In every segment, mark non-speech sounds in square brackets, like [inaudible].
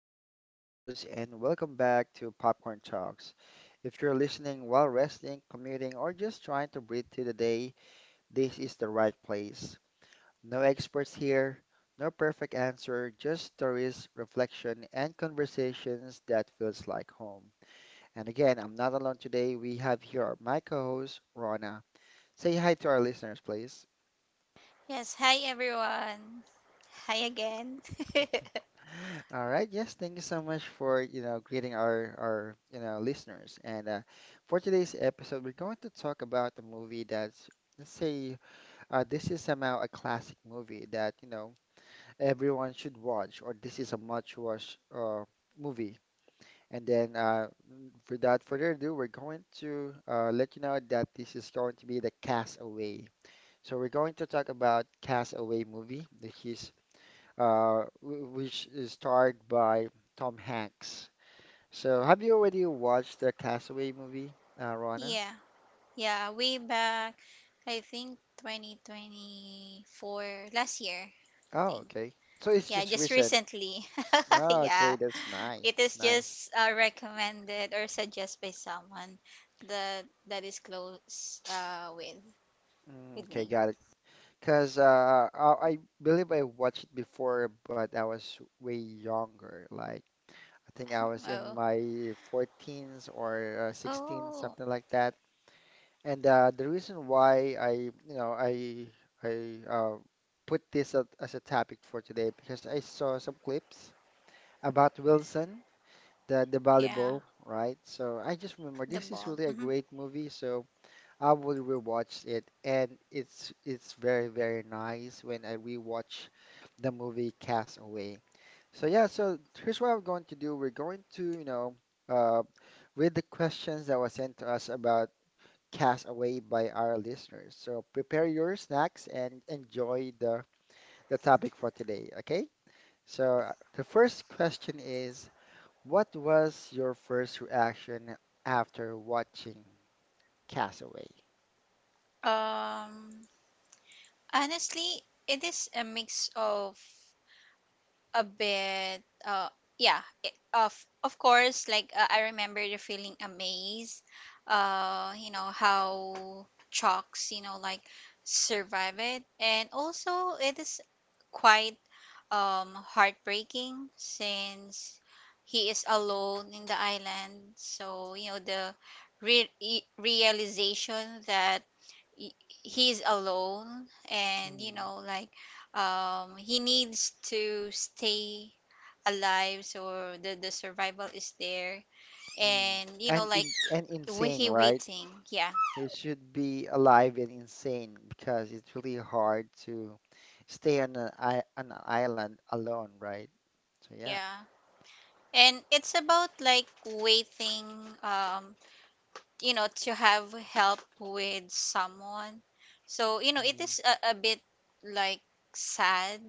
again, your host, and welcome back to Popcorn Talks. If you're listening while resting, commuting, or just trying to breathe through the day, this is the right place. No experts here, no perfect answer, just stories, reflection, and conversations that feels like home. And again, I'm not alone today. We have here my co-host, Rona. Say hi to our listeners, please. Yes, hi everyone. Hi again. [laughs] All right. Yes, thank you so much for, greeting our listeners. And For today's episode, we're going to talk about the movie that's, let's say, this is somehow a classic movie that everyone should watch, or this is a much watch movie. Without further ado, we're going to let you know that this is going to be the Castaway. So we're going to talk about Castaway movie, which is which is starred by Tom Hanks. So, have you already watched the Castaway movie, Rana? Yeah, yeah, way back, I think 2024, last year, I Oh, think. okay. So it's Yeah, just just recent. recently. [laughs] Oh, okay, Yeah, that's nice. it That's is nice. just recommended or suggested by someone that is close, with Mm, with okay, me. got it. Because I believe I watched it before, but I was way younger. Like, I think I was in Oh, my 14s or 16, oh, something like that. And The reason why I, you know, I put as a topic for today, because I saw some clips about Wilson, the yeah, volleyball, right? So I just remember the this is ball. really a Hmm. great movie, so I will rewatch it, and it's very very nice when I rewatch the movie Castaway. So yeah, so here's what I'm going to do. We're going to, uh, read the questions that were sent to us about Cast Away by our listeners. So prepare your snacks and enjoy the topic for today, okay? The first question is, what was your first reaction after watching Castaway? Um, Honestly, it is a mix of a bit, yeah, of course, like, I remember the feeling amazed, how chalks, like, survive it. And also it is quite, heartbreaking, since he is alone in the island. So, the realization that he he is alone. And, Mm. Like, he needs to stay alive, so the survival is there. Mm. And, And like, in, and insane, he right? waiting. Yeah. It should be alive and insane because it's really hard to stay on an island alone, right? So yeah. Yeah, and it's about, like, waiting, um to have help with someone. So, it Mm. is a, bit, like, sad.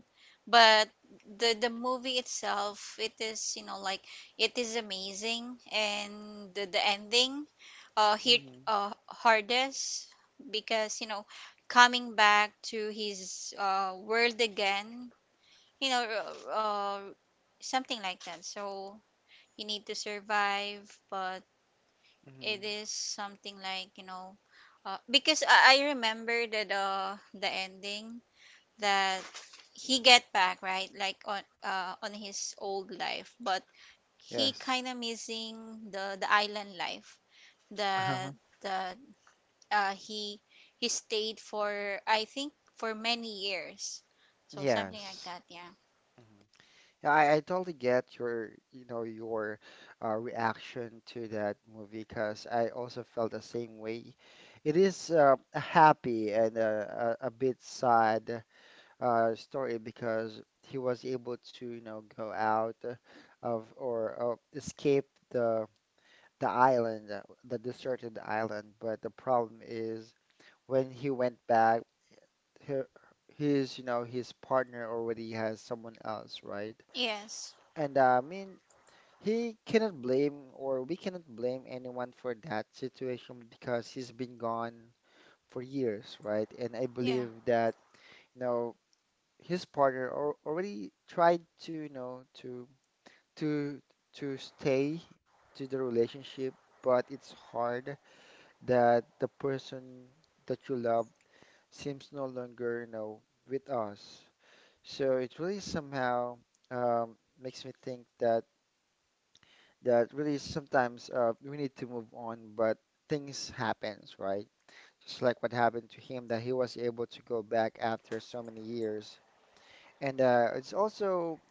But the movie itself, it is, like, it is amazing. And the ending, hit, Mm. Hardest, because, coming back to his, world again, you know uh, uh something like that. So you need to survive. But Mm. it is something like, because I remember that the ending, that he get back, right, like, on, on his old life. But he Yes. kind of missing the island life, that, Uh-huh. that, uh, he he stayed for, I think, for many years. So something like Yes. that. Yeah. Mhm. Yeah, I totally get your reaction to that movie because I also felt the same way. It is a happy and a bit sad story because he was able to, you know, go out of or escape the the island, the deserted island. But the problem is when he went back. Her His, you know, his partner already has someone else, right? Yes. and I mean, he cannot blame or we cannot blame anyone for that situation because he's been gone for years, right? And I Yeah, believe that, you know, his partner al already tried to, to to stay to the relationship, but it's hard that the person that you love seems no longer, you know, with us. So it really somehow makes me think that that really sometimes we need to move on, but things happens, right? Just like what happened to him, that he was able to go back after so many years, and it's also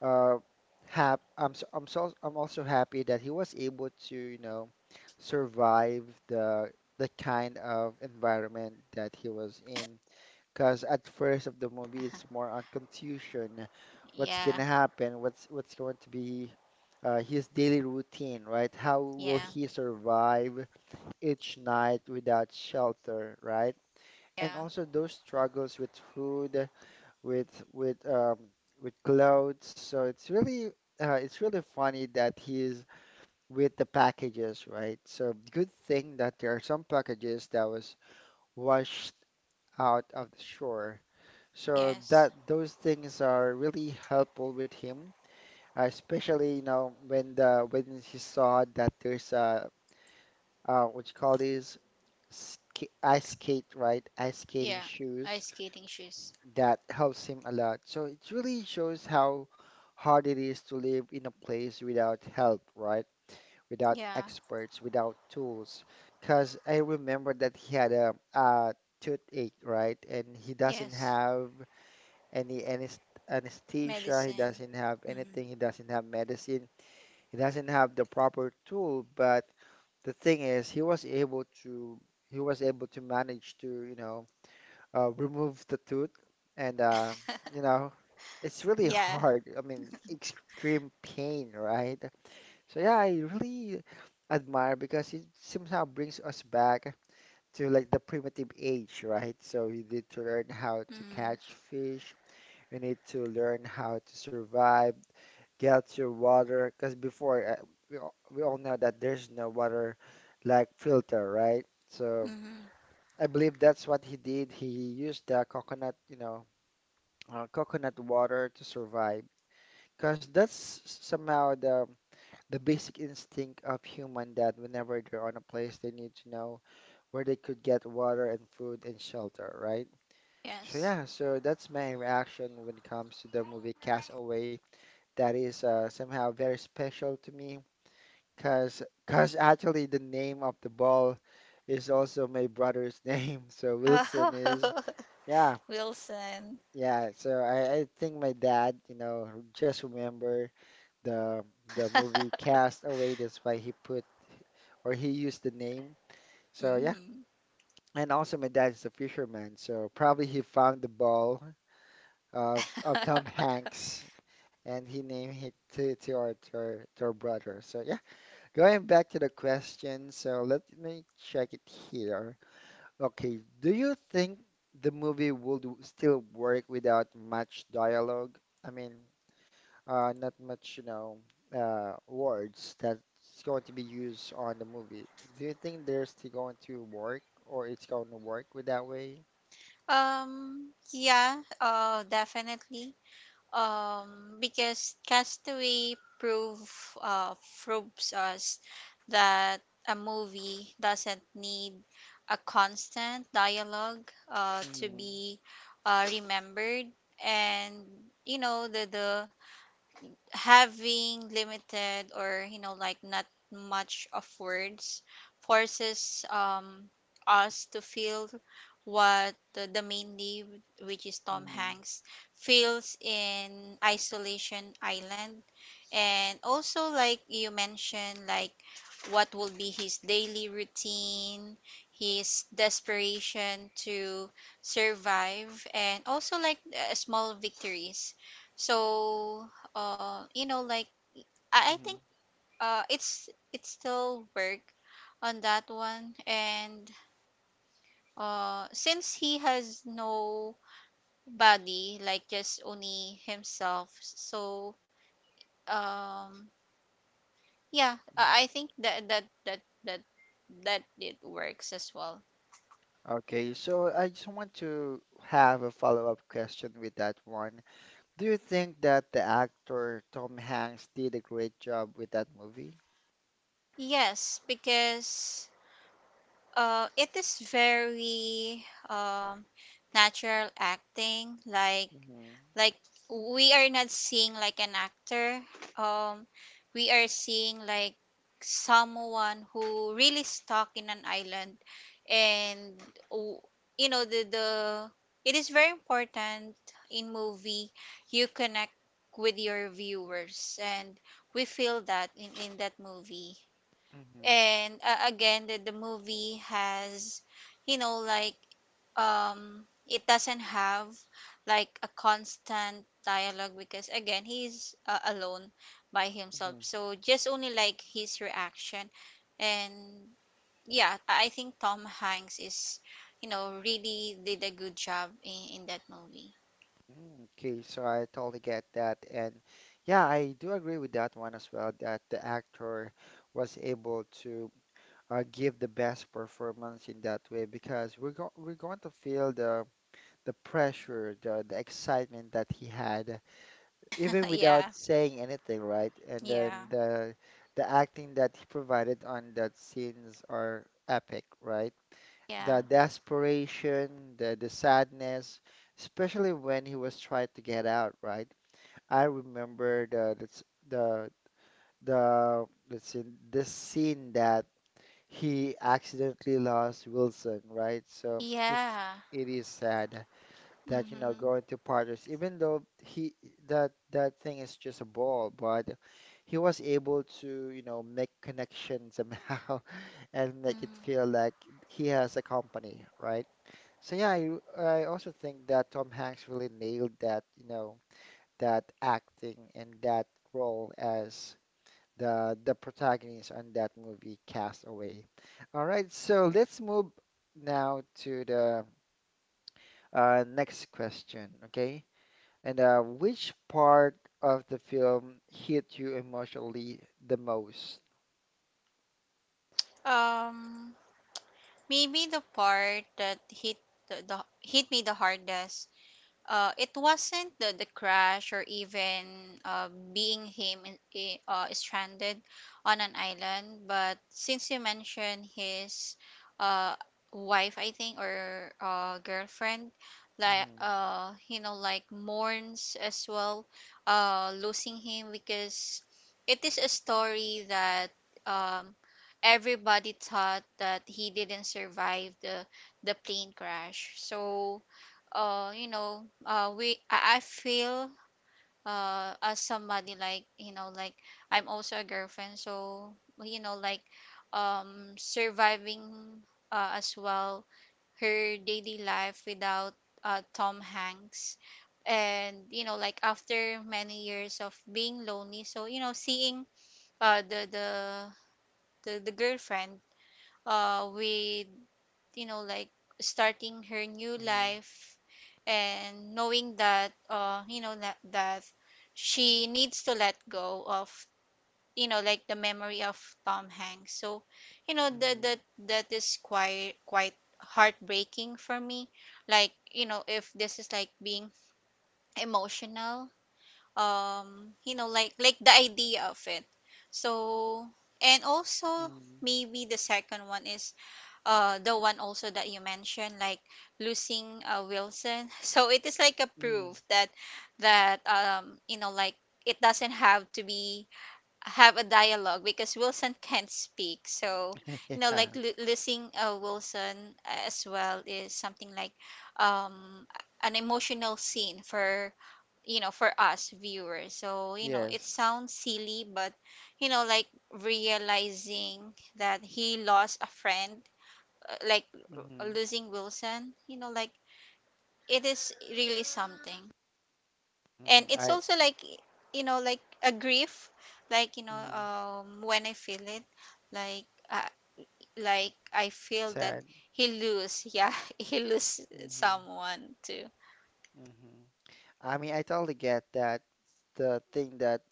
uh, hap I'm so, I'm so I'm also happy that he was able to, you know, survive the kind of environment that he was in, because at first of the movie, it's more on confusion, what's yeah, gonna happen, what's going to be his daily routine, right? How will yeah, he survive each night without shelter, right? And yeah, also those struggles with food, with with um, with clothes. So it's really funny that he's with the packages, right? So good thing that there are some packages that was washed out of the shore. So yes, that those things are really helpful with him, especially you know when the when he saw that there's what you call these, ska ice skate, right? Ice skating yeah, shoes ice skating shoes. that helps him a lot. So it really shows how hard it is to live in a place without help, right? Without Yeah, experts, without tools. Because I remember that he had a toothache, right? And he doesn't yes. have any anesthesia. He Medicine. doesn't have Hmm. anything. He doesn't have medicine. He doesn't have the proper tool. But the thing is, he was able to manage to, you know, remove the tooth, and you know, it's really Yeah. hard. I mean, extreme pain, right? So yeah, I really admire because it somehow brings us back to like the primitive age, right? So we need to learn how to catch Mm-hmm. fish, you need to learn how to survive, get your water, because before we all know that there's no water like filter, right? So Hmm. I believe that's what he did. He used the coconut, you know, coconut water to survive, because that's somehow the basic instinct of human that whenever they're on a place, they need to know where they could get water and food and shelter, right? So Yes. yeah, so that's my reaction when it comes to the movie Castaway. That is somehow very special to me because actually the name of the ball is also my brother's [laughs] name, so Wilson is Oh. yeah, [laughs] Wilson. yeah, so I think my dad, you know, just remember the the movie Cast Away, that's why he put or he used the name, so yeah. Hmm. And also my dad is a fisherman, so probably he found the ball of Tom [laughs] Hanks and he named it to our brother, so yeah. Going back to the question, so let me check it here. Okay, do you think the movie would still work without much dialogue? I mean, not much, you know, words that's going to be used on the movie. Do you think they're still going to work, or it's going to work with that way? Yeah, definitely. Because Castaway prove uh, proves us that a movie doesn't need a constant dialogue, to Mhm. be, remembered. And, the having limited, or, like, not much of words, forces, us to feel what the main lead, which is Tom Mhm. Hanks, feels in Isolation Island. And also, like you mentioned, like, what will be his daily routine, his desperation to survive, and also, like, small victories. So, like, I Mhm. think, it's still work on that one. And, since he has no body, like, just only himself, so, um yeah, Mhm. I think that it works as well. Okay, so I just want to have a follow-up question with that one. Do you think that the actor Tom Hanks did a great job with that movie? Yes, because, it is very, um natural acting, like Mm-hmm. like we are not seeing, like, an actor, um we are seeing, like, someone who really stuck in an island. And, w- the it is very important in movie, you connect with your viewers, and we feel that in that movie. Mm-hmm. And, again, the movie has, like, it doesn't have like a constant dialogue, because again he's, alone by himself, so just only like his reaction. And, yeah, I think Tom Hanks is, really did a good job in that movie. Mm-hmm. Okay, so I totally get that. And yeah, I do agree with that one as well, that the actor was able to give the best performance in that way, because we're going to feel the pressure, the excitement that he had even [laughs] without Yeah, saying anything, right? And then yeah, the acting that he provided on that scenes are epic, right? yeah, The desperation, the sadness, especially when he was trying to get out, right? I remember the s- the let's see, this scene that he accidentally lost Wilson, right? So it's yeah. it is sad that, you know, going Mm-hmm. to partners even though he that that thing is just a ball, but he was able to, you know, make connections somehow [laughs] and make it feel Mm. like he has a company, right? So yeah, I also think that Tom Hanks really nailed that, you know, that acting and that role as the protagonist on that movie Castaway. All right, so let's move now to the next question, okay? And which part of the film hit you emotionally the most? um Maybe the part that the, the hit me the hardest. It wasn't the crash, or even, being him in, stranded on an island, but since you mentioned his, uh, wife, I think, or, girlfriend, like, Mm. Like, mourns as well, losing him. Because it is a story that, um, everybody thought that he didn't survive the plane crash. So, we I feel, as somebody, like, like, I'm also a girlfriend, so, like, surviving, as well, her daily life without, Tom Hanks. And, like, after many years of being lonely, so, seeing, uh the the the girlfriend, with, like, starting her new Mhm. life, and knowing that, that she needs to let go of, like, the memory of Tom Hanks. So, that that is quite heartbreaking for me, like, if this is like being emotional, like the idea of it. So, and also, Mhm. maybe the second one is, the one also that you mentioned, like, losing, Wilson. [laughs] So it is like a Mhm. Mhm. proof that, like, it doesn't have to be have a dialogue, because Wilson [laughs] can't speak. So, [laughs] like, Yeah, losing, Wilson as well is something like, um an emotional scene for, for us viewers. So, it yes. sounds silly, but, like, realizing that he lost a friend, like, Mhm. losing Wilson, like, it is really something. And Mhm. it's I also, like, like, a grief, like, mhm. When I feel it, like, uh, like, I feel that Said. he lose, yeah, [laughs] he lose Mhm. someone too. Mhm. I mean, I totally get that. The thing that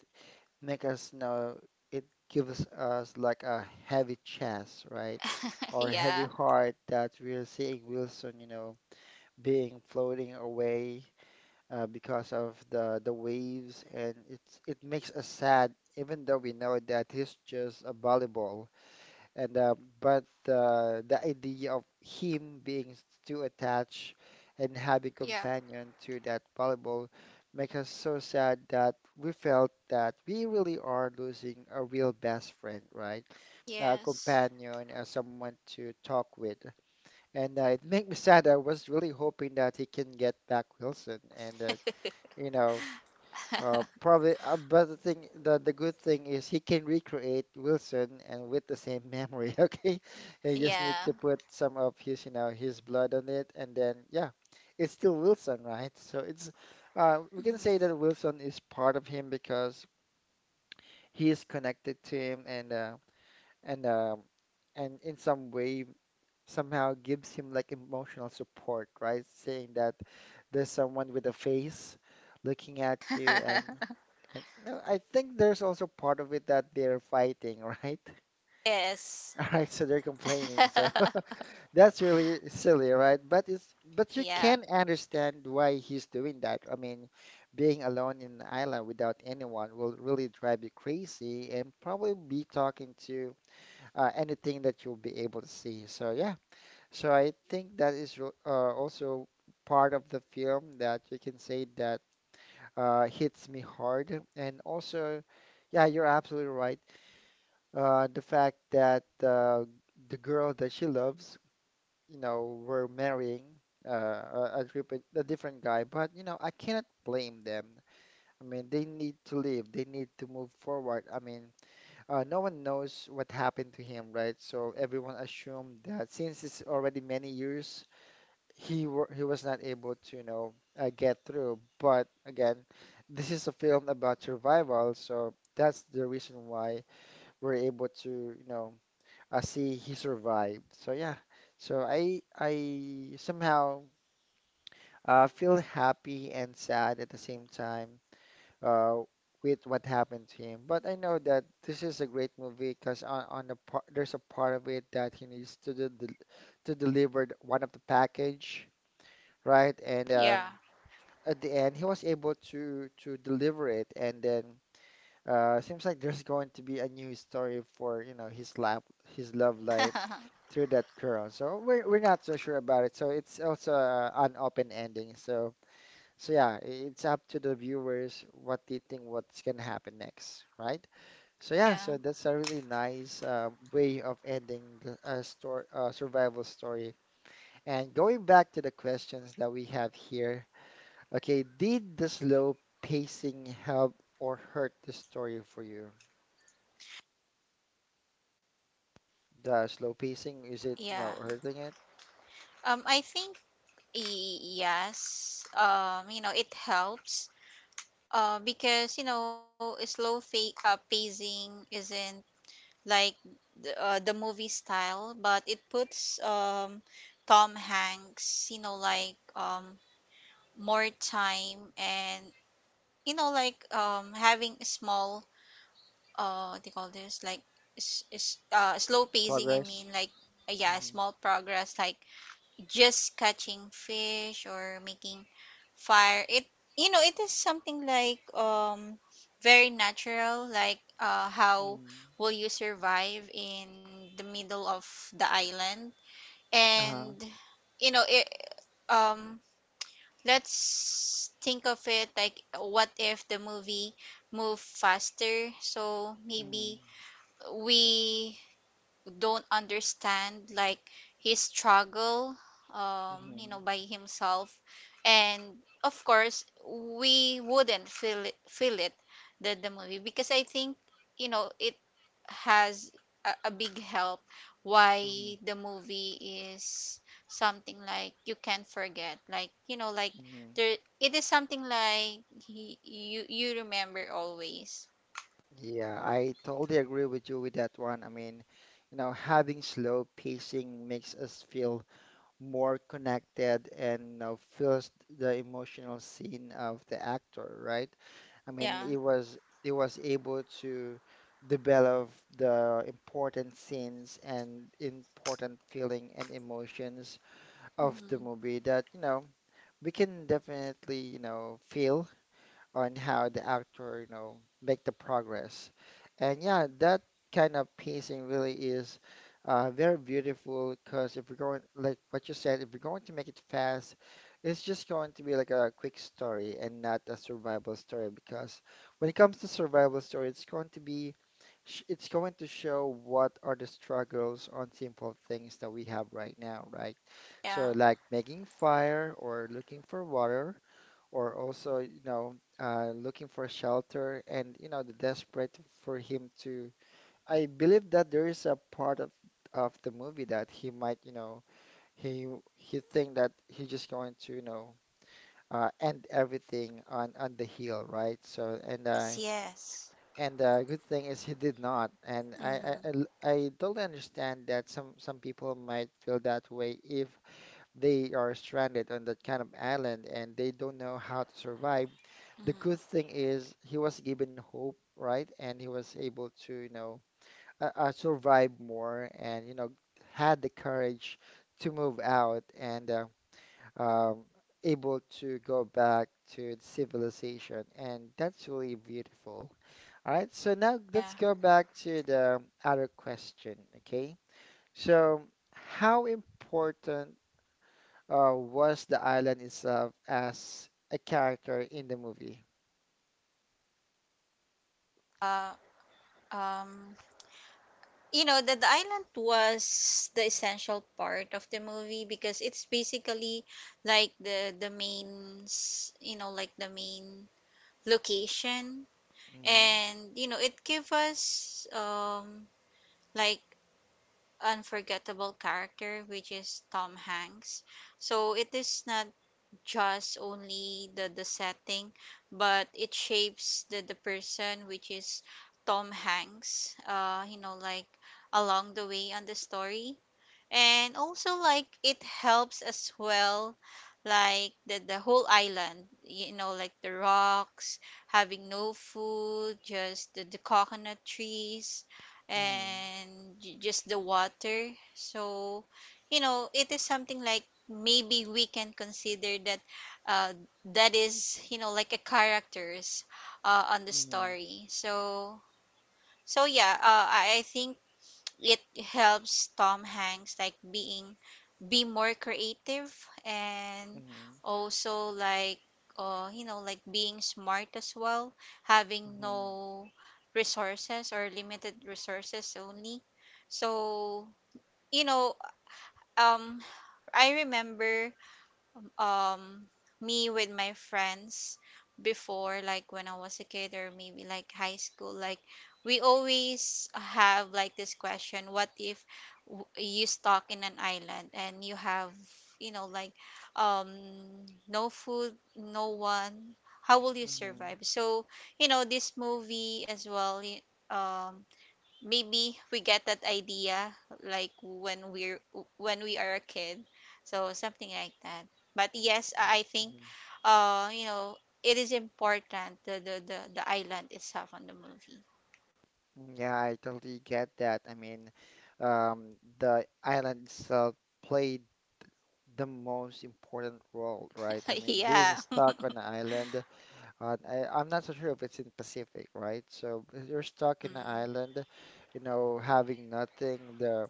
make us know, it gives us like a heavy chest, right? [laughs] Or heavy Yeah. heart that we're seeing Wilson, you know, being floating away because of the waves, and it's it makes us sad, even though we know that he's just a volleyball. And but the idea of him being too attached and having Yeah. companion to that volleyball makes us so sad that we felt that we really are losing a real best friend, right? A Yes. companion, someone to talk with. And it made me sad. I was really hoping that he can get back Wilson and that, [laughs] you know, but the thing, the good thing is he can recreate Wilson and with the same memory. [laughs] Okay, he just need Yeah. to put some of his, you know, his blood on it, and then yeah, it's still Wilson, right? So it's, we Mm. can say that Wilson is part of him because he is connected to him, and and um, and in some way somehow gives him like emotional support, right? Saying that there's someone with a face looking at you, [laughs] and you know, I think there's also part of it that they're fighting, right? Yes. [laughs] All right, so they're complaining. So [laughs] [laughs] that's really silly, right? But it's, but you Yeah. can understand why he's doing that. I mean, being alone in an island without anyone will really drive you crazy and probably be talking to anything that you'll be able to see. So yeah, so I think that is also part of the film that you can say that hits me hard. And also, yeah, you're absolutely right. The fact that the girl that she loves, you know, were marrying a different guy, but you know, I cannot blame them. I mean, they need to live. They need to move forward. I mean, no one knows what happened to him, right? So everyone assumed that since it's already many years he was not able to, you know, get through. But again, this is a film about survival, so that's the reason why we're able to, you know, see he survived. So yeah, so I somehow feel happy and sad at the same time uh, with what happened to him. But I know that this is a great movie because on the part there's a part of it that he needs to to deliver one of the package, right? And Yeah. at the end he was able to deliver it, and then seems like there's going to be a new story for, you know, his life, his love life [laughs] Yeah. through that girl. So we're not so sure about it, so it's also an open ending. So so yeah, it's up to the viewers what they think what's gonna happen next, right? So yeah, Yeah. so that's a really nice way of ending the story, survival story. And going back to the questions that we have here. Okay, did the slow pacing help or hurt the story for you? The slow pacing, is it, you know, Yeah. hurting it? I think, yes, it helps, because, a slow fa pacing isn't, like, the movie style, but it puts, Tom Hanks, like, more time, and, like, having a small, what do you call this? Like, is slow pacing, I mean, Progress? like, yeah, Mm-hmm. small progress, like just catching fish or making fire. It It is something like, very natural, like, how Mm-hmm. will you survive in the middle of the island. Uh-huh. And, you know it um let's think of it. Like, what if the movie move faster, so Mm-hmm. maybe we don't understand, like, his struggle, Mm-hmm. By himself. And of course, we wouldn't feel it, the movie, because I think, it has a big help Mm-hmm. why the movie is something like you can't forget. Like, like, Mm-hmm. there, it is something like he, you remember always. Yeah, I totally agree with you with that one. I mean, you know, having slow pacing makes us feel more connected and, you know, feels the emotional scene of the actor, right? I mean, Yeah. It was able to develop the important scenes and important feeling and emotions of the Hmm. movie that, you know, we can definitely, you know, feel on how the actor, you know, make the progress. And yeah, that kind of pacing really is very beautiful, because if we're going, like what you said, if we're going to make it fast, it's just going to be like a quick story and not a survival story. Because when it comes to survival story, it's going to be it's going to show what are the struggles on simple things that we have right now, right? Yeah. So like making fire or looking for water or also, you know, looking for shelter and, you know, the desperate for him to. I believe that there is a part of the movie that he might, you know, he he think that he's just going to, you know, end everything on the heel, right? So Yes, yes. and the good thing is he did not, and Hmm. I totally understand that some people might feel that way if they are stranded on that kind of island and they don't know how to survive. The Mm, good thing is he was given hope, right? And he was able to, you know, survive more and, you know, had the courage to move out and um, able to go back to civilization. And that's really beautiful. All right, so now let's yeah. go back to the other question, okay? So, how important was the island itself as a character in the movie? Uh, um, that the island was the essential part of the movie, because it's basically like the main, like, the main location. Mm-hmm. And, it gave us, like, unforgettable character, which is Tom Hanks. So it is not just only the setting, but it shapes the person, which is Tom Hanks, like, along the way on the story. And also, like, it helps as well, like the whole island, like, the rocks, having no food, just the coconut trees, Mm-hmm. and just the water. So, it is something like, maybe we can consider that, uh, that is, like, a characters, on the Mhm. story. So, so yeah, I think, it helps Tom Hanks, like, being be more creative, and Mhm. also, like, like, being smart as well, having Mhm. no resources, or limited resources only. So, you know um I remember, um me with my friends before, like when I was a kid, or maybe like high school, like, we always have, like, this question, what if, you stuck in an island and you have, like, um no food, no one, how will you Mhm. survive. So, this movie as well, um maybe we get that idea, like when, we're when we are a kid, so something like that. But yes, I think, Mhm. uh you know it is important, the island itself on the movie. Mhm. Yeah, I totally get that. I mean, the island itself played the most important role, right? I [laughs] mean, being Yeah. stuck on the island, on, I, I'm not so sure if it's in Pacific, right? So if you're stuck in the Mm, island, you know, having nothing.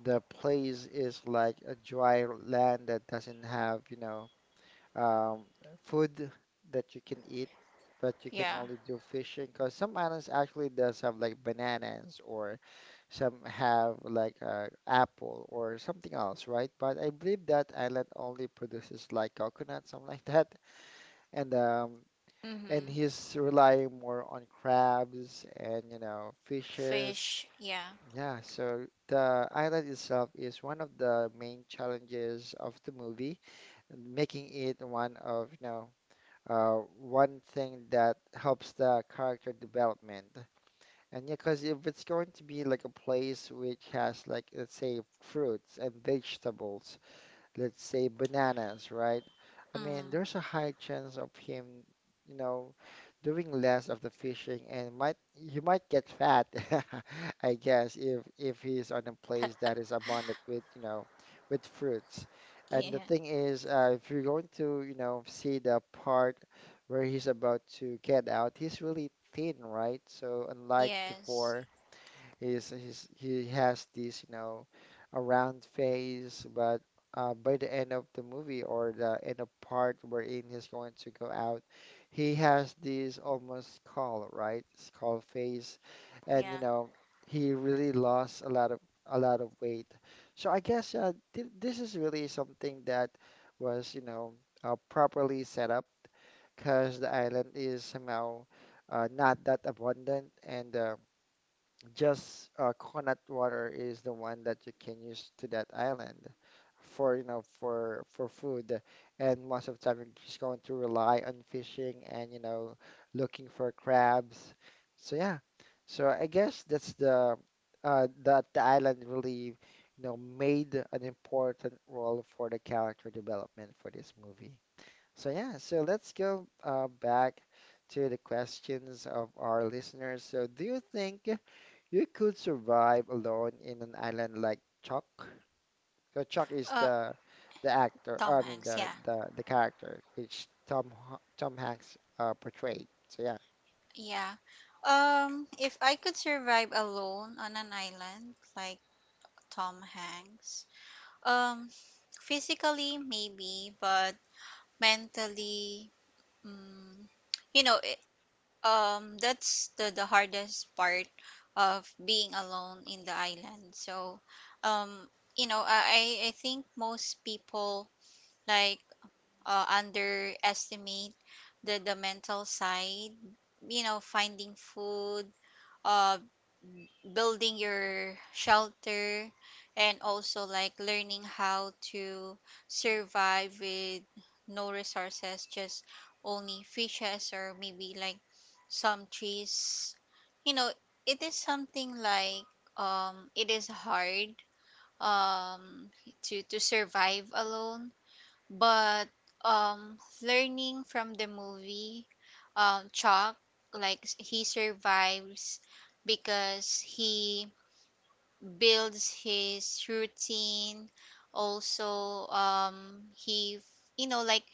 The place is like a dry land that doesn't have, you know, um, food that you can eat, but you can yeah. only do fishing, because some islands actually does have like bananas, or some have like apple or something else, right? But I believe that island only produces like coconut, something like that, and um, and Mm-hmm. he's relying more on crabs and, you know, fishes. Fish, yeah. Yeah, so the island itself is one of the main challenges of the movie, making it one of, you know, one thing that helps the character development. And yeah, because if it's going to be like a place which has like, let's say, fruits and vegetables, let's say bananas, right? I mean, Mm, there's a high chance of him, you know, doing less of the fishing and might you might get fat, [laughs] I guess, if he's on a place that is abundant with, you know, with fruits. And the yeah. thing is, if you're going to, you know, see the part where he's about to get out, he's really thin, right? So unlike Yes, before. He's he has this, you know, a round face, but by the end of the movie or the end of part wherein he's going to go out, he has this almost skull, right? Skull face, and yeah. you know, he really lost a lot of weight. So I guess th this is really something that was, you know, properly set up, because the island is somehow not that abundant, and just coconut water is the one that you can use to that island for, you know, for food. And most of the time you're just going to rely on fishing and, you know, looking for crabs. So yeah, so I guess that's the that the island really, you know, made an important role for the character development for this movie. So yeah, so let's go back to the questions of our listeners. So do you think you could survive alone in an island like Chuck? So Chuck is uh the actor, Tom I mean Hanks, the yeah. the, the character which Tom Hanks portrayed. So yeah. Yeah. If I could survive alone on an island like Tom Hanks. Um, Physically maybe, but mentally, mm, you know, it, that's the hardest part of being alone in the island. So, um, I think most people, like, underestimate the mental side. You know, finding food, uh, building your shelter, and also like learning how to survive with no resources, just only fishes, or maybe like some trees. you know it is something like, it is hard, um to survive alone. But, learning from the movie, chalk, like he survives because he builds his routine. Also, he you know like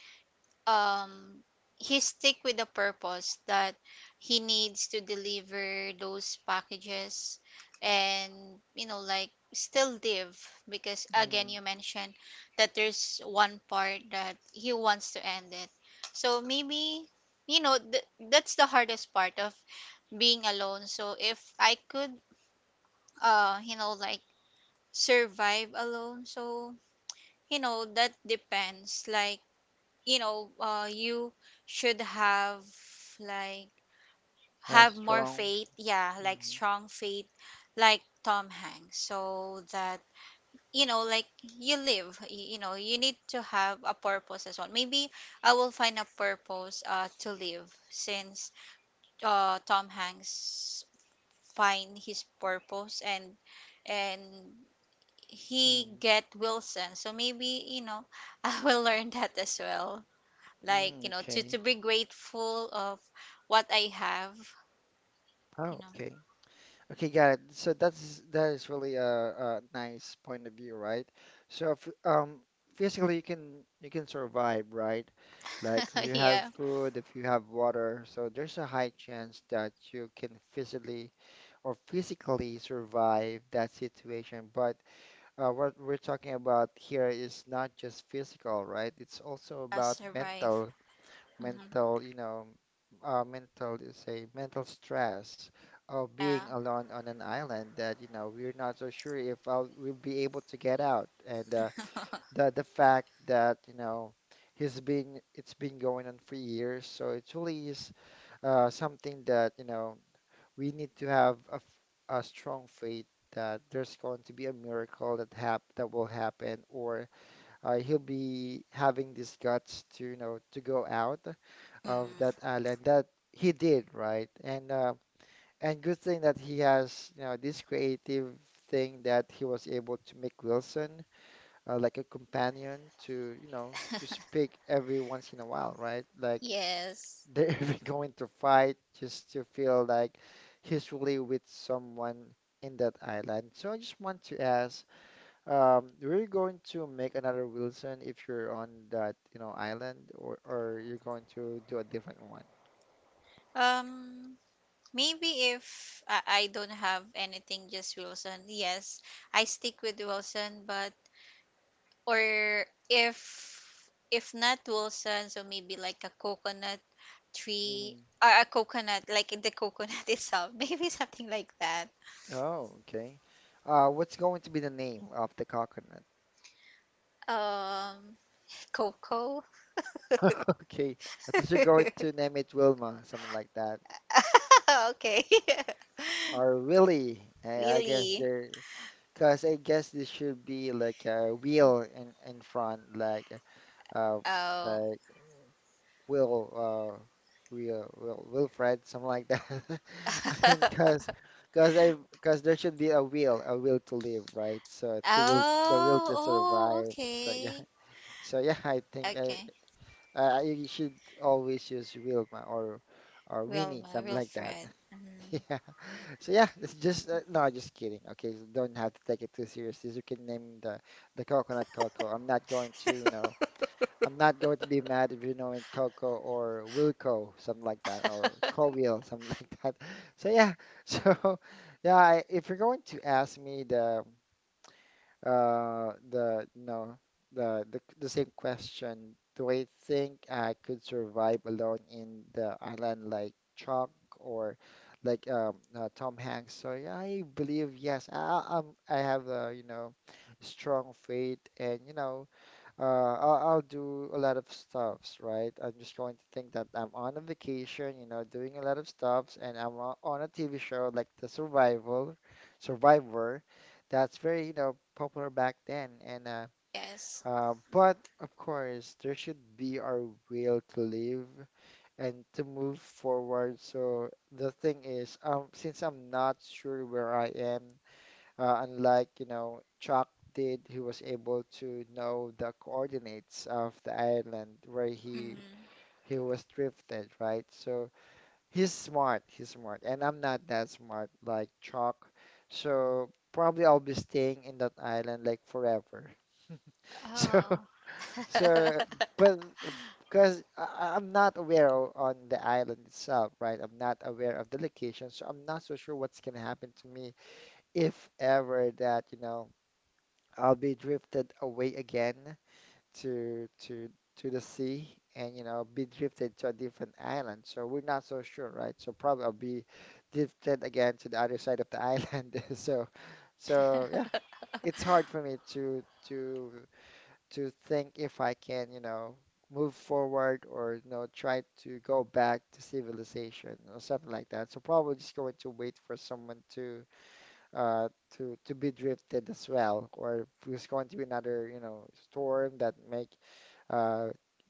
um he stick with the purpose, that he needs to deliver those packages, and, like, still live. Because, again, Mm, you mentioned that there's one part that he wants to end it. So, maybe, you know th- that's the hardest part of being alone. So if I could, like, survive alone. So, you know, that depends. Like, you should like that's have more strong. faith. Yeah, like Mm, strong faith, like Tom Hanks, so that, like, you live. You need to have a purpose as well. Maybe I will find a purpose to live since Tom Hanks find his purpose and and he mm, get Wilson. So maybe, you know, [laughs] I will learn that as well. Like, mm, you know, okay. to be grateful of what I have, you Oh, know. okay. Okay, got it. So that's that is really a nice point of view, right? So if, physically you can survive, right? Like if [laughs] you have Yeah. food, if you have water, so there's a high chance that you can physically or physically survive that situation. But what we're talking about here is not just physical, right? It's also I about survive. mental Hmm. mental, you know, mental, let's say, mental stress of being Yeah. alone on an island that, you know, we're not so sure if I'll, we'll be able to get out. And [laughs] the fact that, you know, he's been it's been going on for years, so it really is something that, you know, we need to have a, a strong faith that there's going to be a miracle that hap that will happen, or he'll be having these guts to, you know, to go out of that Mm. island that he did, right? And good thing that he has, you know, this creative thing that he was able to make Wilson like a companion to, you know, to speak every once in a while, right? Like Yes. they're [laughs] even going to fight just to feel like he's really with someone in that island. So I just want to ask, we're going to make another Wilson if you're on that, you know, island, or you're going to do a different one. Um Maybe if I, I don't have anything just Wilson, yes, I stick with Wilson but or if if not Wilson, so maybe like a coconut tree Mhm. or a coconut, like in the coconut [laughs] itself. Maybe something like that. Oh, okay. What's going to be the name of the coconut? Um, Cocoa. [laughs] Okay, I thought you're going to name it Wilma, something like that, [laughs] Okay. [laughs] or Willie. I guess Really? there, cause I guess this should be like a wheel in front, uh, Oh. like Will, uh, Will, Wilfred, something like that. [laughs] I mean, cause, [laughs] cause I, cause there should be a will to live, right? So to will, the will Oh, to oh, survive. So yeah, okay. [laughs] so yeah, I think Okay. I you should always use Wilma, or Winnie, Wilma, something like that. Wilfred. [laughs] Yeah. So yeah, it's just no, just kidding. Okay, so don't have to take it too seriously. You can name the coconut Coco. I'm not going to, you know, Mm. I'm not going to be mad if, you know, in Coco or Wilco, something like that, or Cowheel, something [laughs] like that. So yeah, so [laughs] yeah, I, if you're going to ask me the no the, the same question, do I think I could survive alone in the island like Chuck, or like Tom Hanks? So yeah, I believe yes. I have a strong faith and I'll do a lot of stuffs, right? I'm just going to think that I'm on a vacation, you know, doing a lot of stuffs, and on a TV show like Survivor, that's very, you know, popular back then. And [laughs] Yes. But of course, there should be our will to live and to move forward. So the thing is, since I'm not sure where I am, unlike, you know, Chuck did, he was able to know the coordinates of the island where he Mm. he was drifted, right? So he's smart, and I'm not that smart like Chuck. So probably I'll be staying in that island like forever. [laughs] So Oh. so but because I'm not aware o- on the island itself, right? I'm not aware of the location, so I'm not so sure what's gonna happen to me if ever that, I'll be drifted away again to to to the sea, and be drifted to a different island. So we're not so sure, right? So probably I'll be drifted again to the other side of the [laughs] island. So it's hard for me to think if I can, you know, move forward, or try to go back to civilization or something like that. So probably just going to wait for someone to uh, to be drifted as well, or if there's going to be another, you know, storm that make uh,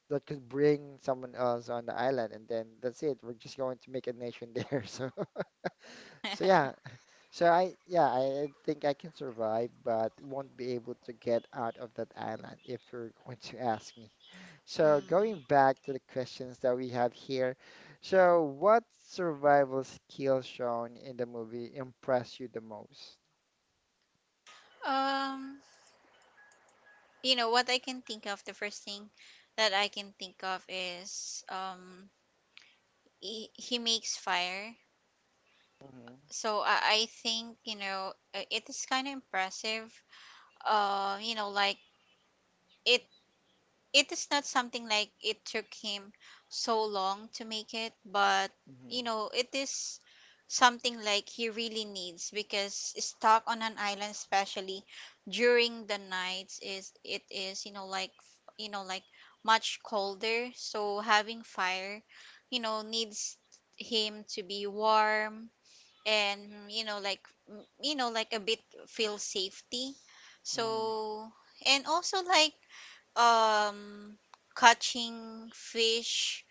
that could bring someone else on the island, and then that's it. We're just going to make a nation there. [laughs] So yeah, so I think I can survive, but won't be able to get out of that island if you're going to ask me. [laughs] So going Mm. back to the questions that we have here, so what survival skill shown in the movie impressed you the most? Um, you know what I can think of, the first thing that I can think of is he makes fire. So I, I think you know it is kind of impressive. You know, like it it is not something like it took him so long to make it, but you Mhm. know, it is something like he really needs because stuck on an island, especially during the nights, is it is you know like much colder. So having fire, you know, needs him to be warm and you know like you know like a bit feel safety. Mhm. So and also like um catching fish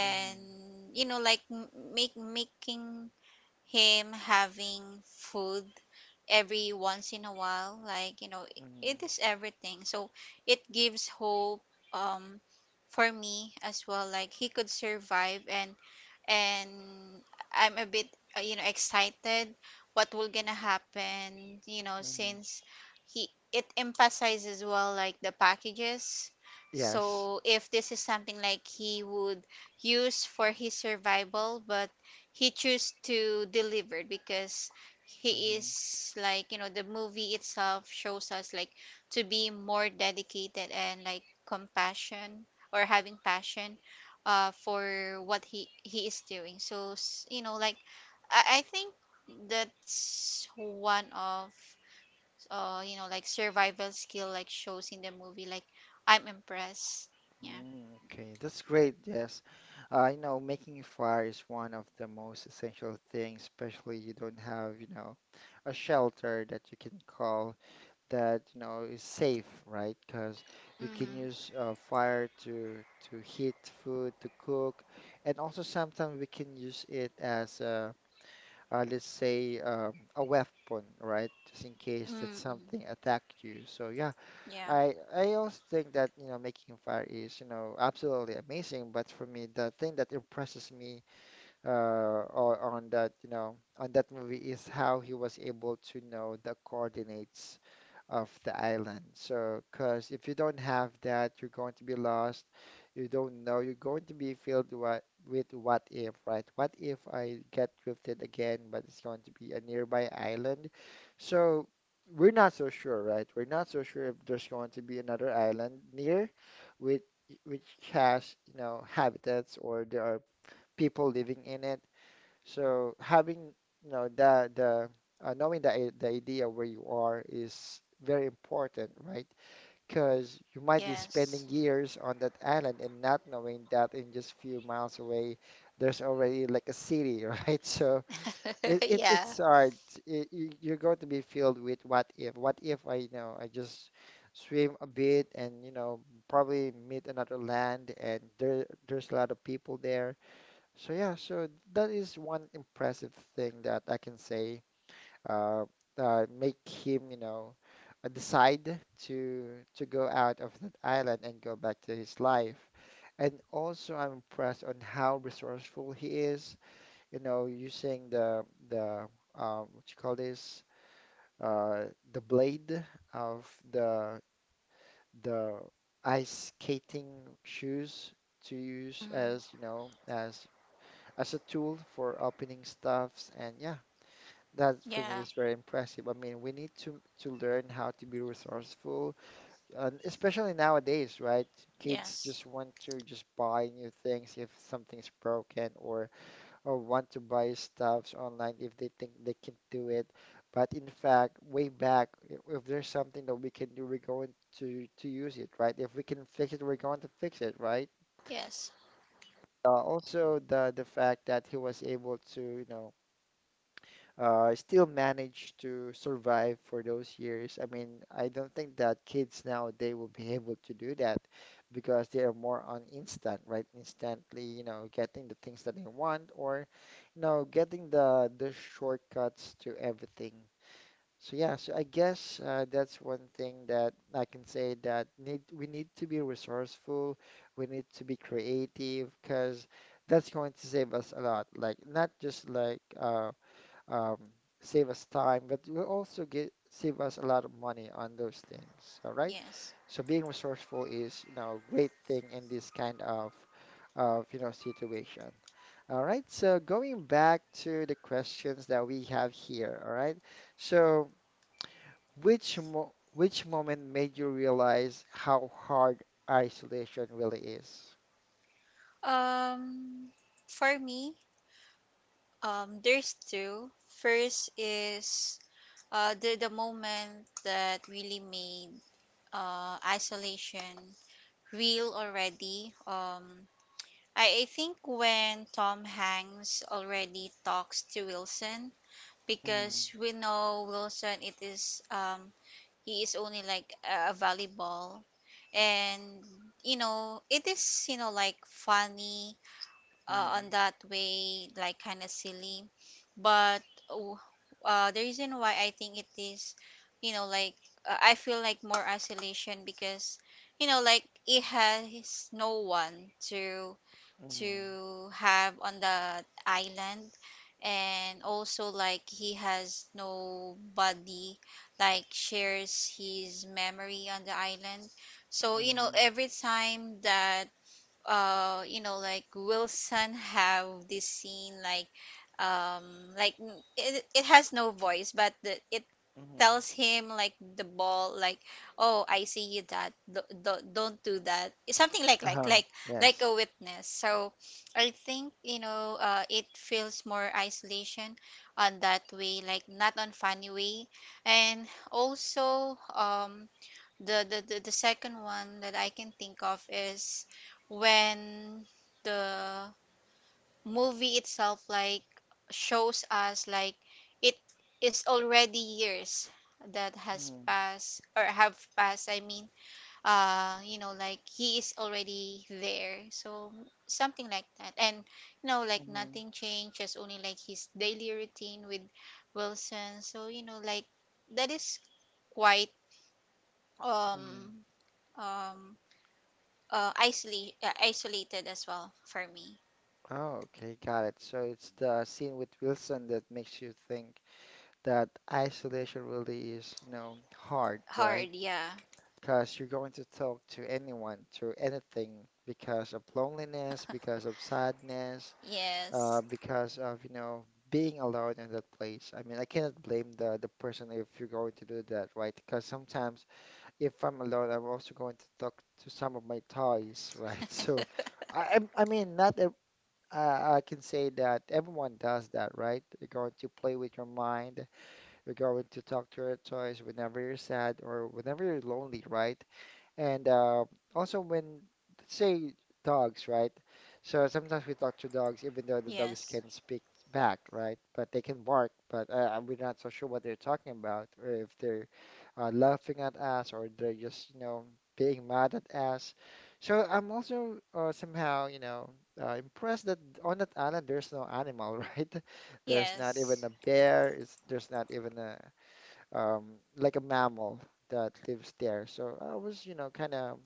Mhm. you know like make making him having food every once in a while like you know it Mhm. is everything, so it gives hope um for me as well, like he could survive and and I'm a bit you know excited what will gonna happen, you know, Mhm. since he it emphasizes well like the packages. Yes. So if this is something like he would use for his survival but he choose to deliver because he Mhm. is like you know the movie itself shows us like to be more dedicated and like compassion or having passion for what he is doing. So you know like I think that's one of you know like survival skill like shows in the movie like I'm impressed. Yeah. Mm. Okay, that's great. Yes. I know making a fire is one of the most essential things, especially you don't have, you know, a shelter that you can call that, you know, is safe, right? Because you can Mm-hmm. use fire to heat food, to cook, and also sometimes we can use it as a, let's say, a weapon, right? Just in case that Mm. something attacked you. So yeah, Yeah. I also think that, you know, making fire is, you know, absolutely amazing. But for me, the thing that impresses me, on that, you know, on that movie, is how he was able to know the coordinates of the island. So, because if you don't have that, you're going to be lost. You don't know. You're going to be filled what, with what if, right? What if I get drifted again, but it's going to be a nearby island? So, we're not so sure, right? We're not so sure if there's going to be another island near with which has, you know, habitats, or there are people living in it. So having, you know, the knowing the idea where you are is very important, right? Because you might be Yes. spending years on that island and not knowing that in just few miles away there's already like a city, [laughs] right? So [laughs] it Yeah. it's hard. It, you're going to be filled with what if. What if I, you know, I just swim a bit and, you know, probably meet another land, and there's a lot of people there. So yeah, so that is one impressive thing that I can say uh, make him, you know, decide to to go out of that island and go back to his life. And also, I'm impressed on how resourceful he is, you know, using the what you call this, uh, the blade of the ice skating shoes to use as, Hmm. you know, as a tool for opening stuffs. And yeah, that for me Yeah. is very impressive. I mean, we need to learn how to be resourceful, and especially nowadays, right? Kids Yes. just want to just buy new things if something's broken, or want to buy stuffs online if they think they can do it. But in fact, way back, if there's something that we can do, we're going to use it, right? If we can fix it, we're going to fix it, right? Yes. Also the fact that he was able to, you know, still managed to survive for those years. I mean, I don't think that kids nowadays will be [laughs] able to do that because they are more on instant, right? Instantly, you know, getting the things that they want, or, you know, getting the shortcuts to everything. So yeah, so I guess that's one thing that I can say that need we need to be resourceful, we need to be creative because that's going to save us a lot. Like not just like um, save us time, but it will also get save us a lot of money on those things. All right. Yes. So being resourceful is, you know, a great thing in this kind of, you know, situation. All right. So going back to the questions that we have here. All right. So which moment made you realize how hard isolation really is? um for me, there's two. First is the moment that really made isolation real already. I think when Tom Hanks already talks to Wilson, Mhm, because we know Wilson, it is he is only like a volleyball, and you know it is you know like funny on mhm, that way, like kind of silly. But oh, the reason why I think it is, you know, like I feel like more isolation because, you know, like it has no one to mhm, have on the island, and also like he has nobody like shares his memory on the island. So, you know, mhm, every time that you know like Wilson have this scene um like it has no voice, but the, it mhm. tells him like the ball like oh I see you, that don't do that, something Uh-huh. Like Yes. a witness. So I think you know it feels more isolation on that way, like not on funny way. And also the second one that I can think of is when the movie itself like shows us like it is already years that has Mhm, passed or have passed, I mean, you know like he is already there, so something like that. And you know like mhm. nothing changed, just only like his daily routine with Wilson. So you know like that is quite Mm. um um isolate isolated as well for me. Oh, okay, got it. So it's the scene with Wilson that makes you think that isolation really is, you know, hard, Hard, right? yeah. Because you're going to talk to anyone, to anything, because of loneliness, because of sadness, Yes. Because of, you know, being alone in that place. I mean, I cannot blame the person if you're going to do that, right? Because sometimes if I'm alone, I'm also going to talk to some of my toys, right? [laughs] So I mean, not I, I can say that everyone does that, right? You're going to play with your mind. You're going to talk to your toys whenever you're sad or whenever you're lonely, right? And also when say dogs, right? So sometimes we talk to dogs, even though the dogs Yes. can speak back, right? But they can bark, but we're not so sure what they're talking about, or if they're laughing at us, or they're just, you know, being mad at us. So I'm also somehow, you know, impressed that on that island there's no animal, [laughs] right? There's not even Yes. a bear. It's, there's not even a, um, like a mammal that lives there. So I was, you know, kind of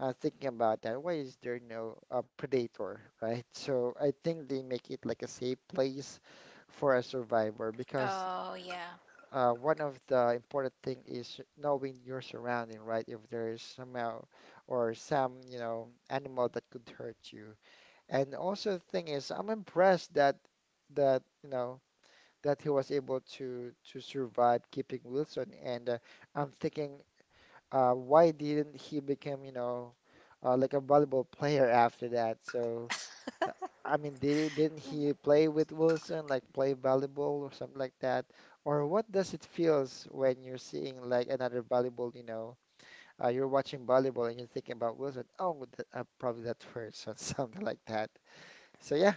thinking about that. Why is there no predator, right? So I think they make it like a safe place for a survivor because Oh yeah. One of the important thing is knowing your surrounding, right? If there is somehow or some, you know, animal that could hurt you. And also the thing is, I'm impressed that that you know that he was able to survive keeping Wilson. And I'm thinking, why didn't he become, you know, like a valuable player after that? So, uh, I mean, didn't he play with Wilson, like play volleyball or something like that? Or what does it feels when you're seeing like another volleyball, you know, you're watching volleyball and you're thinking about Wilson. Oh, that, probably that person, [laughs] something like that. So yeah.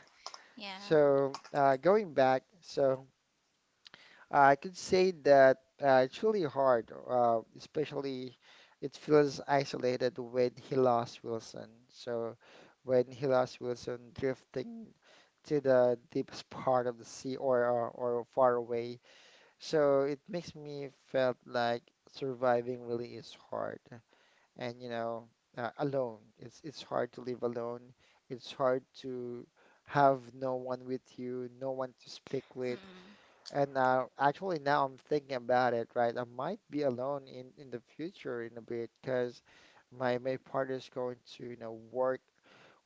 Yeah. So going back, so. I could say that it's really hard, especially it feels isolated when he lost Wilson. So when he lost Wilson drifting to the deepest part of the sea, or far away. So it makes me felt like surviving really is hard. And you know, alone. It's hard to live alone. It's hard to have no one with you, no one to speak with. Mm. And actually, now I'm thinking about it, right? I might be alone in the future in a bit, because my partner's going to, you know, work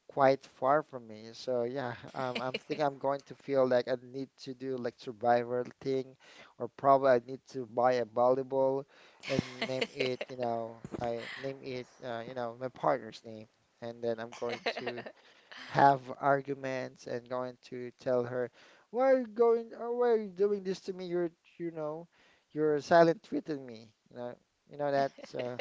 quite far from me. So yeah, I'm thinking I'm going to feel like I need to do like survival thing, or probably I need to buy a volleyball and name it, you know, I name it, you know, my partner's name, and then I'm going to have arguments and going to tell her, why are you going, or why are you doing this to me? You're, you know, you're silent treating me. You know that uh,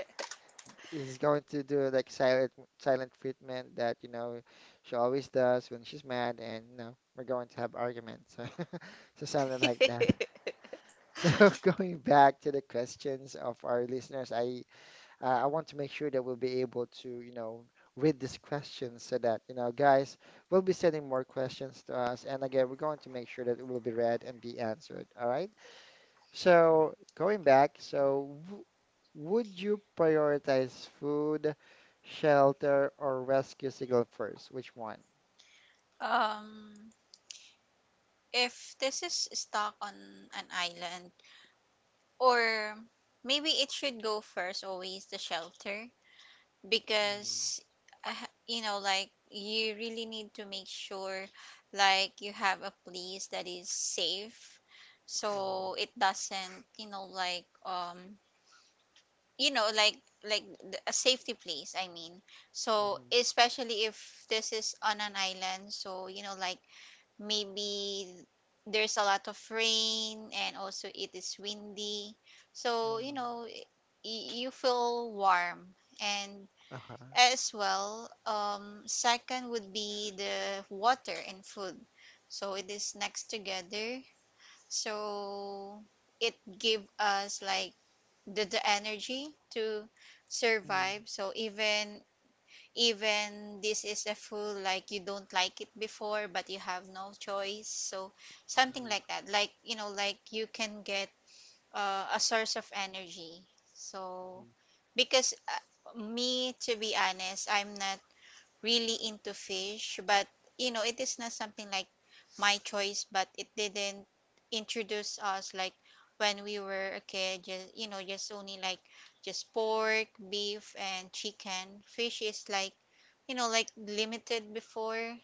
is going to do like silent treatment that, you know, she always does when she's mad, and you know we're going to have arguments. [laughs] So, so something like that. [laughs] So [laughs] going back to the questions of our listeners, I want to make sure that we'll be able to, you know, read these questions so that, you know, guys will be sending more questions to us. And again, we're going to make sure that it will be read and be answered. All right. So going back, so w would you prioritize food, shelter, or rescue signal first? Which one? um if this is stuck on an island, or maybe it should go first always the shelter, Mhm. because I ha- you know like you really need to make sure like you have a place that is safe Mhm. so it doesn't you know like a safety place, I mean. So Mhm. especially if this is on an island, so you know like maybe there's a lot of rain and also it is windy, so you Mhm. know you feel warm and Uh-huh. as well. Second would be the water and food. So it is next together. So it give us like the energy to Mhm. survive. So even even this is a food like you don't like it before but you have no choice. So something Mhm. like that. Like you know like you can get a source of energy. So Mhm. because me, to be honest, I'm not really into fish, but you know, it is not something like my choice, but it didn't introduce us like when we were a kid, just you know, just only like just pork, beef, and chicken. Fish is like you know, like limited before,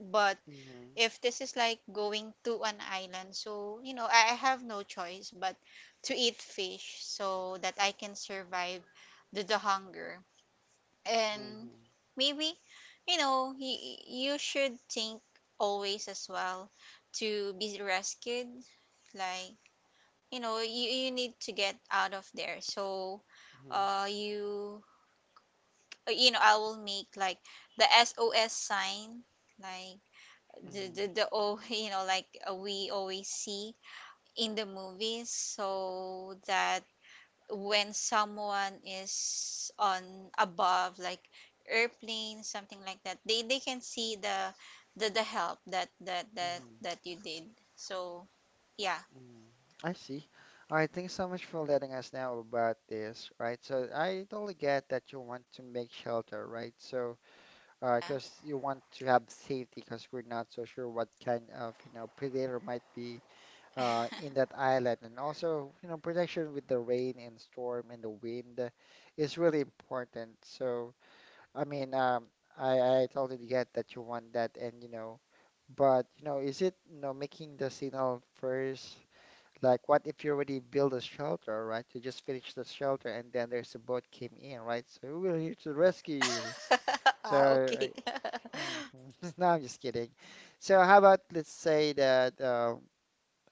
but Mhm. if this is like going to an island, so you know, I have no choice but to eat fish so that I can survive the hunger. And Mhm. maybe you know you should think always as well to be rescued, like you know you need to get out of there. So uh you you know I will make like the SOS sign like Mhm. The o [laughs] you know like we always see in the movies, so that when someone is on above like airplane something like that, they can see the the help that Mhm. Mhm. You did. So yeah. Mm, I see. All right, thanks so much for letting us know about this, right? So I totally get that you want to make shelter, right? So, because you want to have safety, because we're not so sure what kind of, you know, predator might be in that island, and also, you know, protection with the rain and storm and the wind is really important. So, I mean, I totally get that you want that, and you know, but you know, is it, you know, making the signal first? Like, what if you already build a shelter, right? You just finish the shelter and then there's a boat came in, right? So we're here to rescue you. [laughs] So, Ah, okay. I, [laughs] Mhm. [laughs] no, I'm just kidding. So, how about let's say that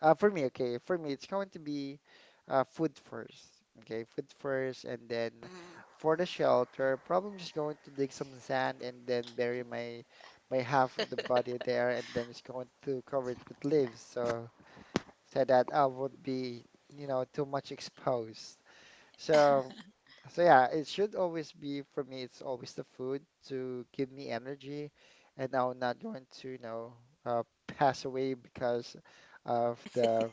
for me, okay, for me, it's going to be food first, okay, food first, and then Mm, for the shelter, probably I'm just going to dig some sand and then bury my half of the body there, and then just going to cover it with leaves. So so that I would be, you know, too much exposed. So, so yeah, it should always be for me, it's always the food to give me energy, and I'm not going to, you know, pass away because of the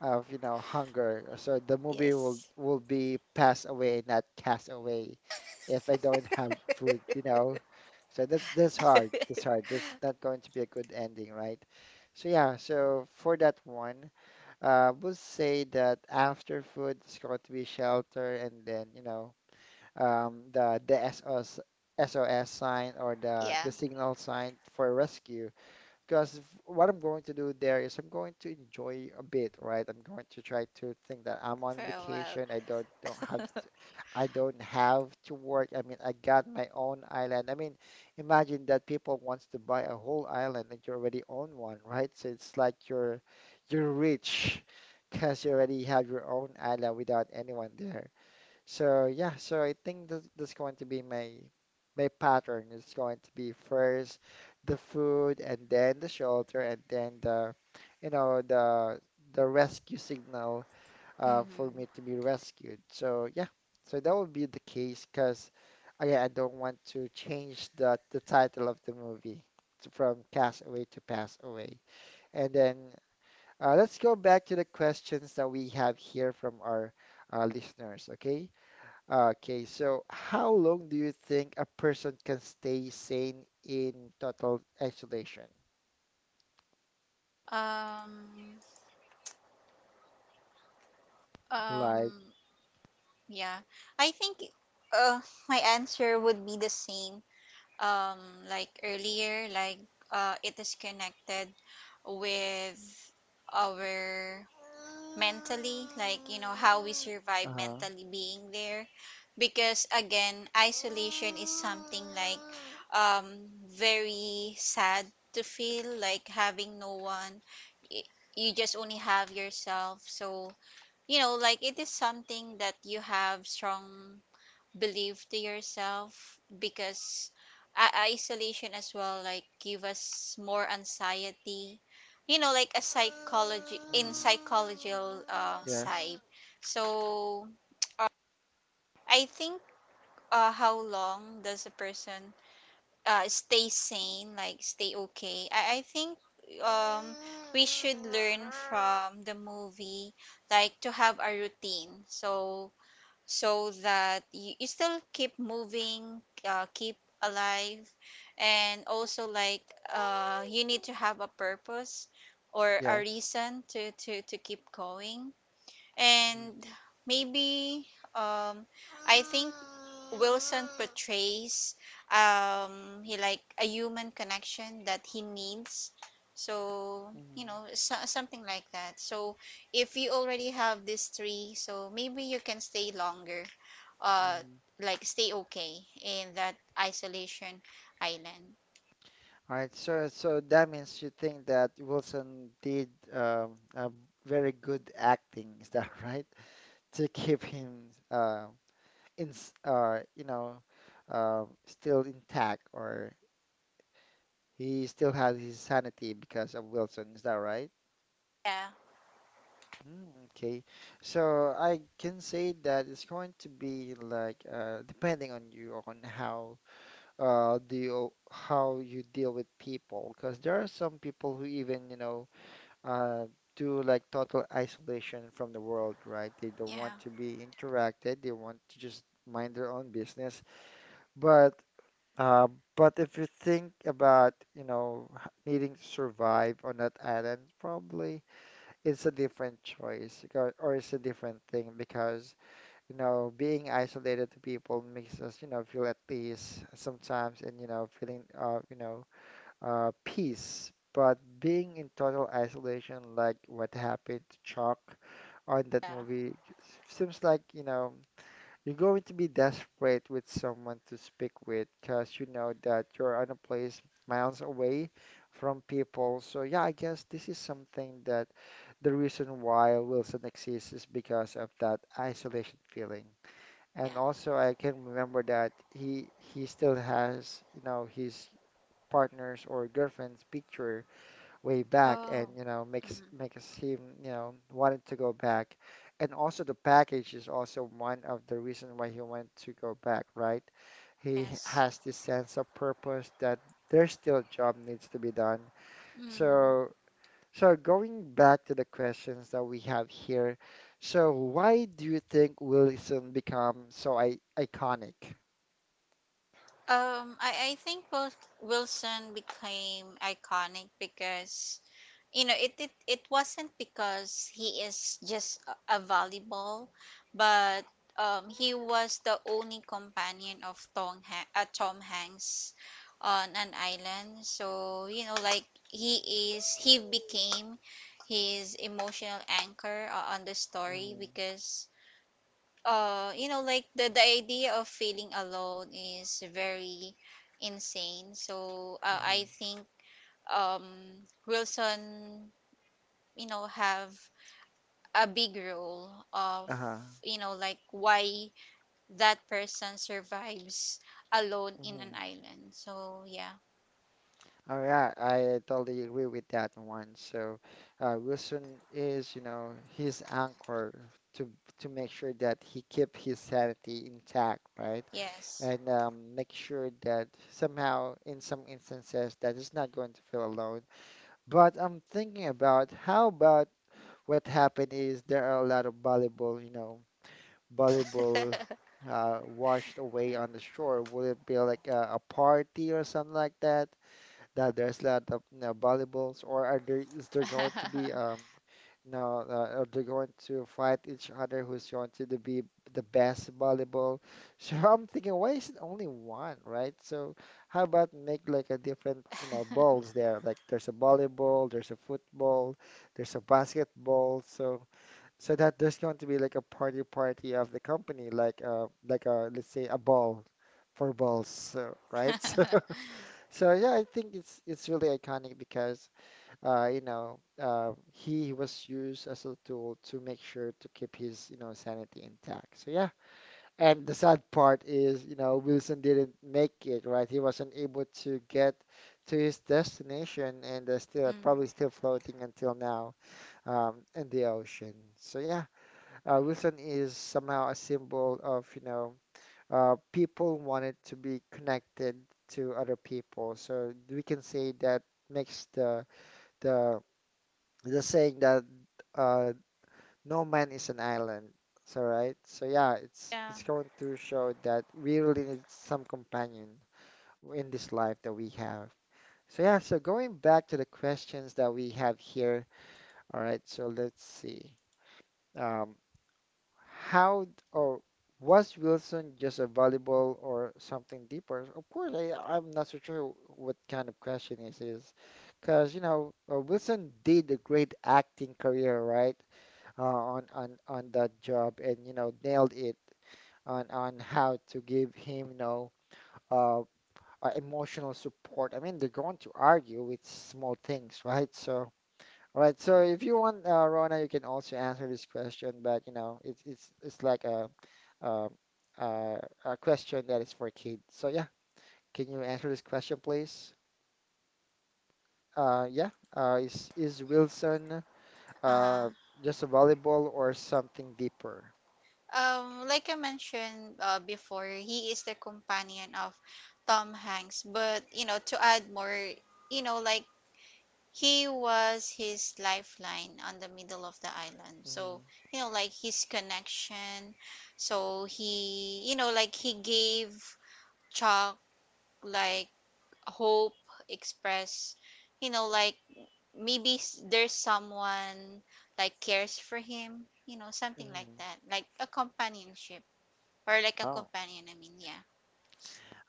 of, you know, hunger. So the movie will yes. will be pass away, not cast away, if I don't have food, you know. So that's hard. That's hard. That's not going to be a good ending, right? So yeah, so for that one would say that after food it's going to be shelter and then you know the the S O S sign or Yeah. the signal sign for rescue because what I'm going to do there is I'm going to enjoy a bit, right? I'm going to try to think that I'm For on a while. vacation. I don't have to, I don't have to work. I mean, I got my own island. I mean, imagine that people wants to buy a whole island and you already own one, right? So it's like you're rich because you already have your own island without anyone there. So yeah, so I think this that's going to be my pattern. It's going to be first the food and then the shelter and then the you know the rescue signal for Hmm. me to be rescued. So yeah, so that would be the case because again I don't want to change the title of the movie from Castaway to Pass Away. And then let's go back to the questions that we have here from our listeners, okay? Okay, so how long do you think a person can stay sane in total isolation? um Like, um yeah, I think uh my answer would be the same um like earlier, like it is connected with our mentally, like, you know, how we survive uh, mentally being there. Because again, isolation is something like very sad to feel, like having no one. Y- You just only have yourself. So, you know, like it is something that you have strong believe to yourself, because isolation as well like give us more anxiety, you know like a psychology in Mhm. psychological Yes. side. So uh, I think how long does a person stay sane, like stay okay. I think um, we should learn from the movie like to have a routine, so so that you still keep moving, keep alive, and also like you need to have a purpose or a Yes. reason to to keep going. Mhm. And maybe um I think Wilson portrays he like a human connection that he needs. So, you know, so, something like that. So, if you already have these three, so maybe you can stay longer. Uh Mhm. like stay okay in that isolation island. All right, so so that means you think that Wilson did a very good acting, is that right? [laughs] To keep him you know, still intact, or he still has his sanity because of Wilson, is that right? Yeah. Mm. Okay, so I can say that it's going to be like depending on you on how do you how you deal with people because there are some people who even you know uh do like total isolation from the world, right? They don't Yeah. want to be interacted. They want to just mind their own business. But uh, but if you think about you know needing to survive on that island, probably it's a different choice because, or it's a different thing because, you know, being isolated to people makes us, you know, feel at peace sometimes and, you know, feeling, you know, peace. But being in total isolation, like what happened to Chuck on that Yeah. movie, seems like, you know, you're going to be desperate with someone to speak with because you know that you're on a place miles away from people. So, yeah, I guess this is something that the reason why Wilson exists is because of that isolation feeling. Yeah. And also, I can remember that he still has, you know, his partner's or girlfriend's picture way back and Oh. you know makes Mhm. makes him you know wanted to go back and also the package is also one of the reason why he wanted to go back, right? He Yes. has this sense of purpose that there's still a job needs to be done. Hmm. So so going back to the questions that we have here, so why do you think Wilson become so I iconic? I think Wilson became iconic because you know it it wasn't because he is just a volleyball, but he was the only companion of Tom Hanks on an island. So you know, like he became his emotional anchor on the story, Hmm. because you know like the idea of feeling alone is very insane. So Hmm. I think um Wilson, you know, have a big role of Uh-huh. you know like why that person survives alone in an island. So yeah. Oh yeah, I totally agree with that one. So Wilson is, you know, his anchor to to make sure that he keep his sanity intact, right? Yes. [laughs] And make sure that somehow, in some instances, that he's not going to feel alone. But I'm thinking about how about what happened is there are a lot of volleyball, you know, volleyball [laughs] washed away on the shore. Would it be like a party or something like that? That there's a lot of you know, volleyballs, or are there is there going to be no are they going to fight each other who's going to be the best volleyball? [laughs] So I'm thinking, why is it only one, right? So how about make like a different you know balls there? Like there's a volleyball, there's a football, there's a basketball, so so that there's going to be like a party of the company, like a let's say a ball for balls, so, right? [laughs] So so yeah, I think it's really iconic because you know he was used as a tool to make sure to keep his you know sanity intact. So yeah, and the sad part is you know Wilson didn't make it, right? He wasn't able to get to his destination and still probably still Mm, floating until now in the ocean. So yeah, Wilson is somehow a symbol of you know people wanted to be connected to other people. So we can say that makes the the saying that uh, no man is an island. So right. So yeah, it's yeah. it's going to show that we really need some companion in this life that we have. So yeah, so going back to the questions that we have here. All right, so let's see. Um, how d- or was Wilson just a volleyball or something deeper? Of course, I'm not so sure what kind of question this is, because you know Wilson did a great acting career, right? On that job, and you know nailed it on how to give him, you know, uh, emotional support. I mean, they're going to argue with small things, right? So all right. So if you want, Rona, you can also answer this question, but you know, it's like uh, uh, a question that is for kids. So yeah, can you answer this question, please? Yeah. Is Wilson uh Uh-huh. just a volleyball or something deeper? Like I mentioned before, he is the companion of Tom Hanks. But you know, to add more, you know, like he was his lifeline on the middle of the island. So Hmm. you know, like his connection. So he, you know, like he gave Chuck like hope, express, you know, like maybe there's someone like cares for him. You know, something like Hmm. that, like a companionship or like a Oh. companion, I mean, yeah.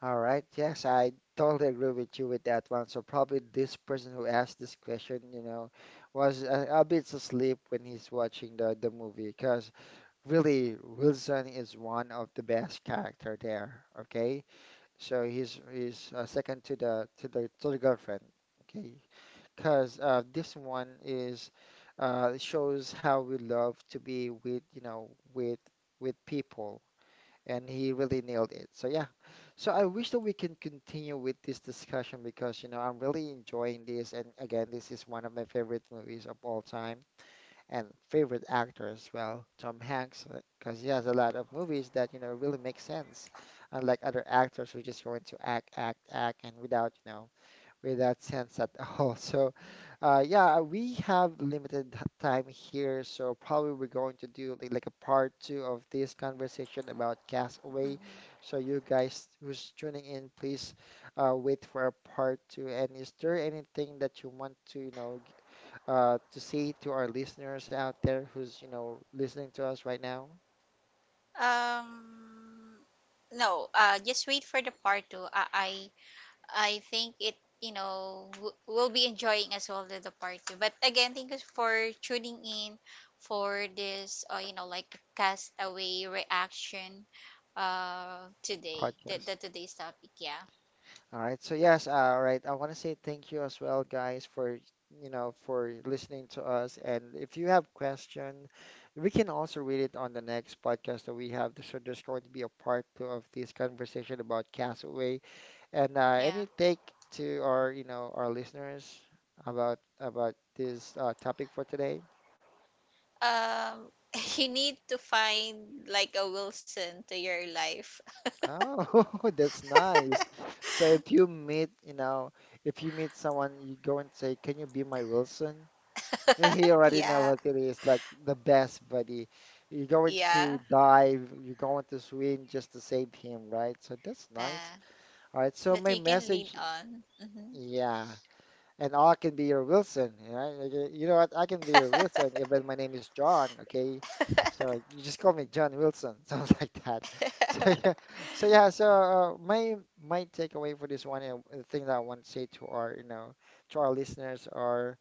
All right. Yes, I totally agree with you with that one. So probably this person who asked this question, you know, was a bit asleep when he's watching the movie, because really Wilson is one of the best character there. Okay, so he's second to the to the to the girlfriend. Okay, because this one is shows how we love to be with you know with people, and he really nailed it. So yeah, so I wish that we can continue with this discussion because you know I'm really enjoying this, and again, this is one of my favorite movies of all time and favorite actor as well, Tom Hanks, because he has a lot of movies that, you know, really make sense, unlike other actors who just going to act, act, act, and without, you know, without sense at [laughs] all. So, yeah, we have limited time here, so probably we're going to do like a part two of this conversation about Castaway. Hmm. So, you guys who's tuning in, please wait for a part two. And is there anything that you want to, you know, to say to our listeners out there who's, you know, listening to us right now? Um, no, just wait for the part two. I think you know, we'll be enjoying as well the part two. But again, thank you for tuning in for this, you know, like castaway reaction, today, the Podcast. today's topic. Yeah. All right. So yes, all right. I want to say thank you as well, guys, for you know for listening to us. And if you have question, we can also read it on the next podcast that we have. So there's going to be a part two of this conversation about Castaway, and Yeah. any take to our you know our listeners about this topic for today. Um, [laughs] you need to find like a Wilson to your life. Oh, [laughs] that's nice. [laughs] So if you meet, you know, if you meet someone, you go and say, "Can you be my Wilson?" He already know Yeah. what it is, like the best buddy. You're going to Yeah. dive, you're going to swim just to save him, right? So that's nice. Nah, All right, so that my you can lean message, on. Hmm. yeah, and I can be your Wilson, right? You know what? I can be your Wilson, even my name is John, okay? So you just call me John Wilson, [laughs] something like that. So [laughs] yeah, [laughs] so yeah, so my my takeaway for this one, and the thing that I want to say to our, you know, to our listeners are.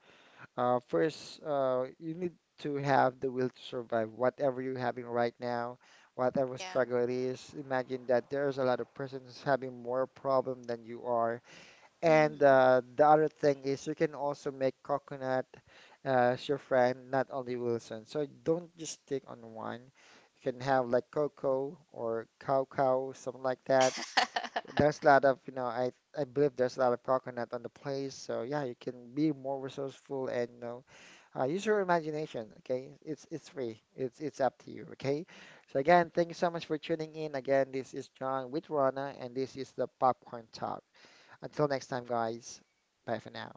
First, you need to have the will to survive, whatever you're having right now, whatever Yeah. struggle it is. Imagine that there's a lot of persons having more problem than you are. And Mm. The other thing is you can also make coconut as your friend, not only Wilson. So don't just stick on one. You can have like cocoa or cow cow, something like that. [laughs] There's a lot of, you know, I believe there's a lot of coconut on the place. So yeah, you can be more resourceful and you know, use your imagination. Okay, it's free. It's up to you. Okay. So again, thank you so much for tuning in. Again, this is John with Rana, and this is the Popcorn Talk. Until next time, guys. Bye for now.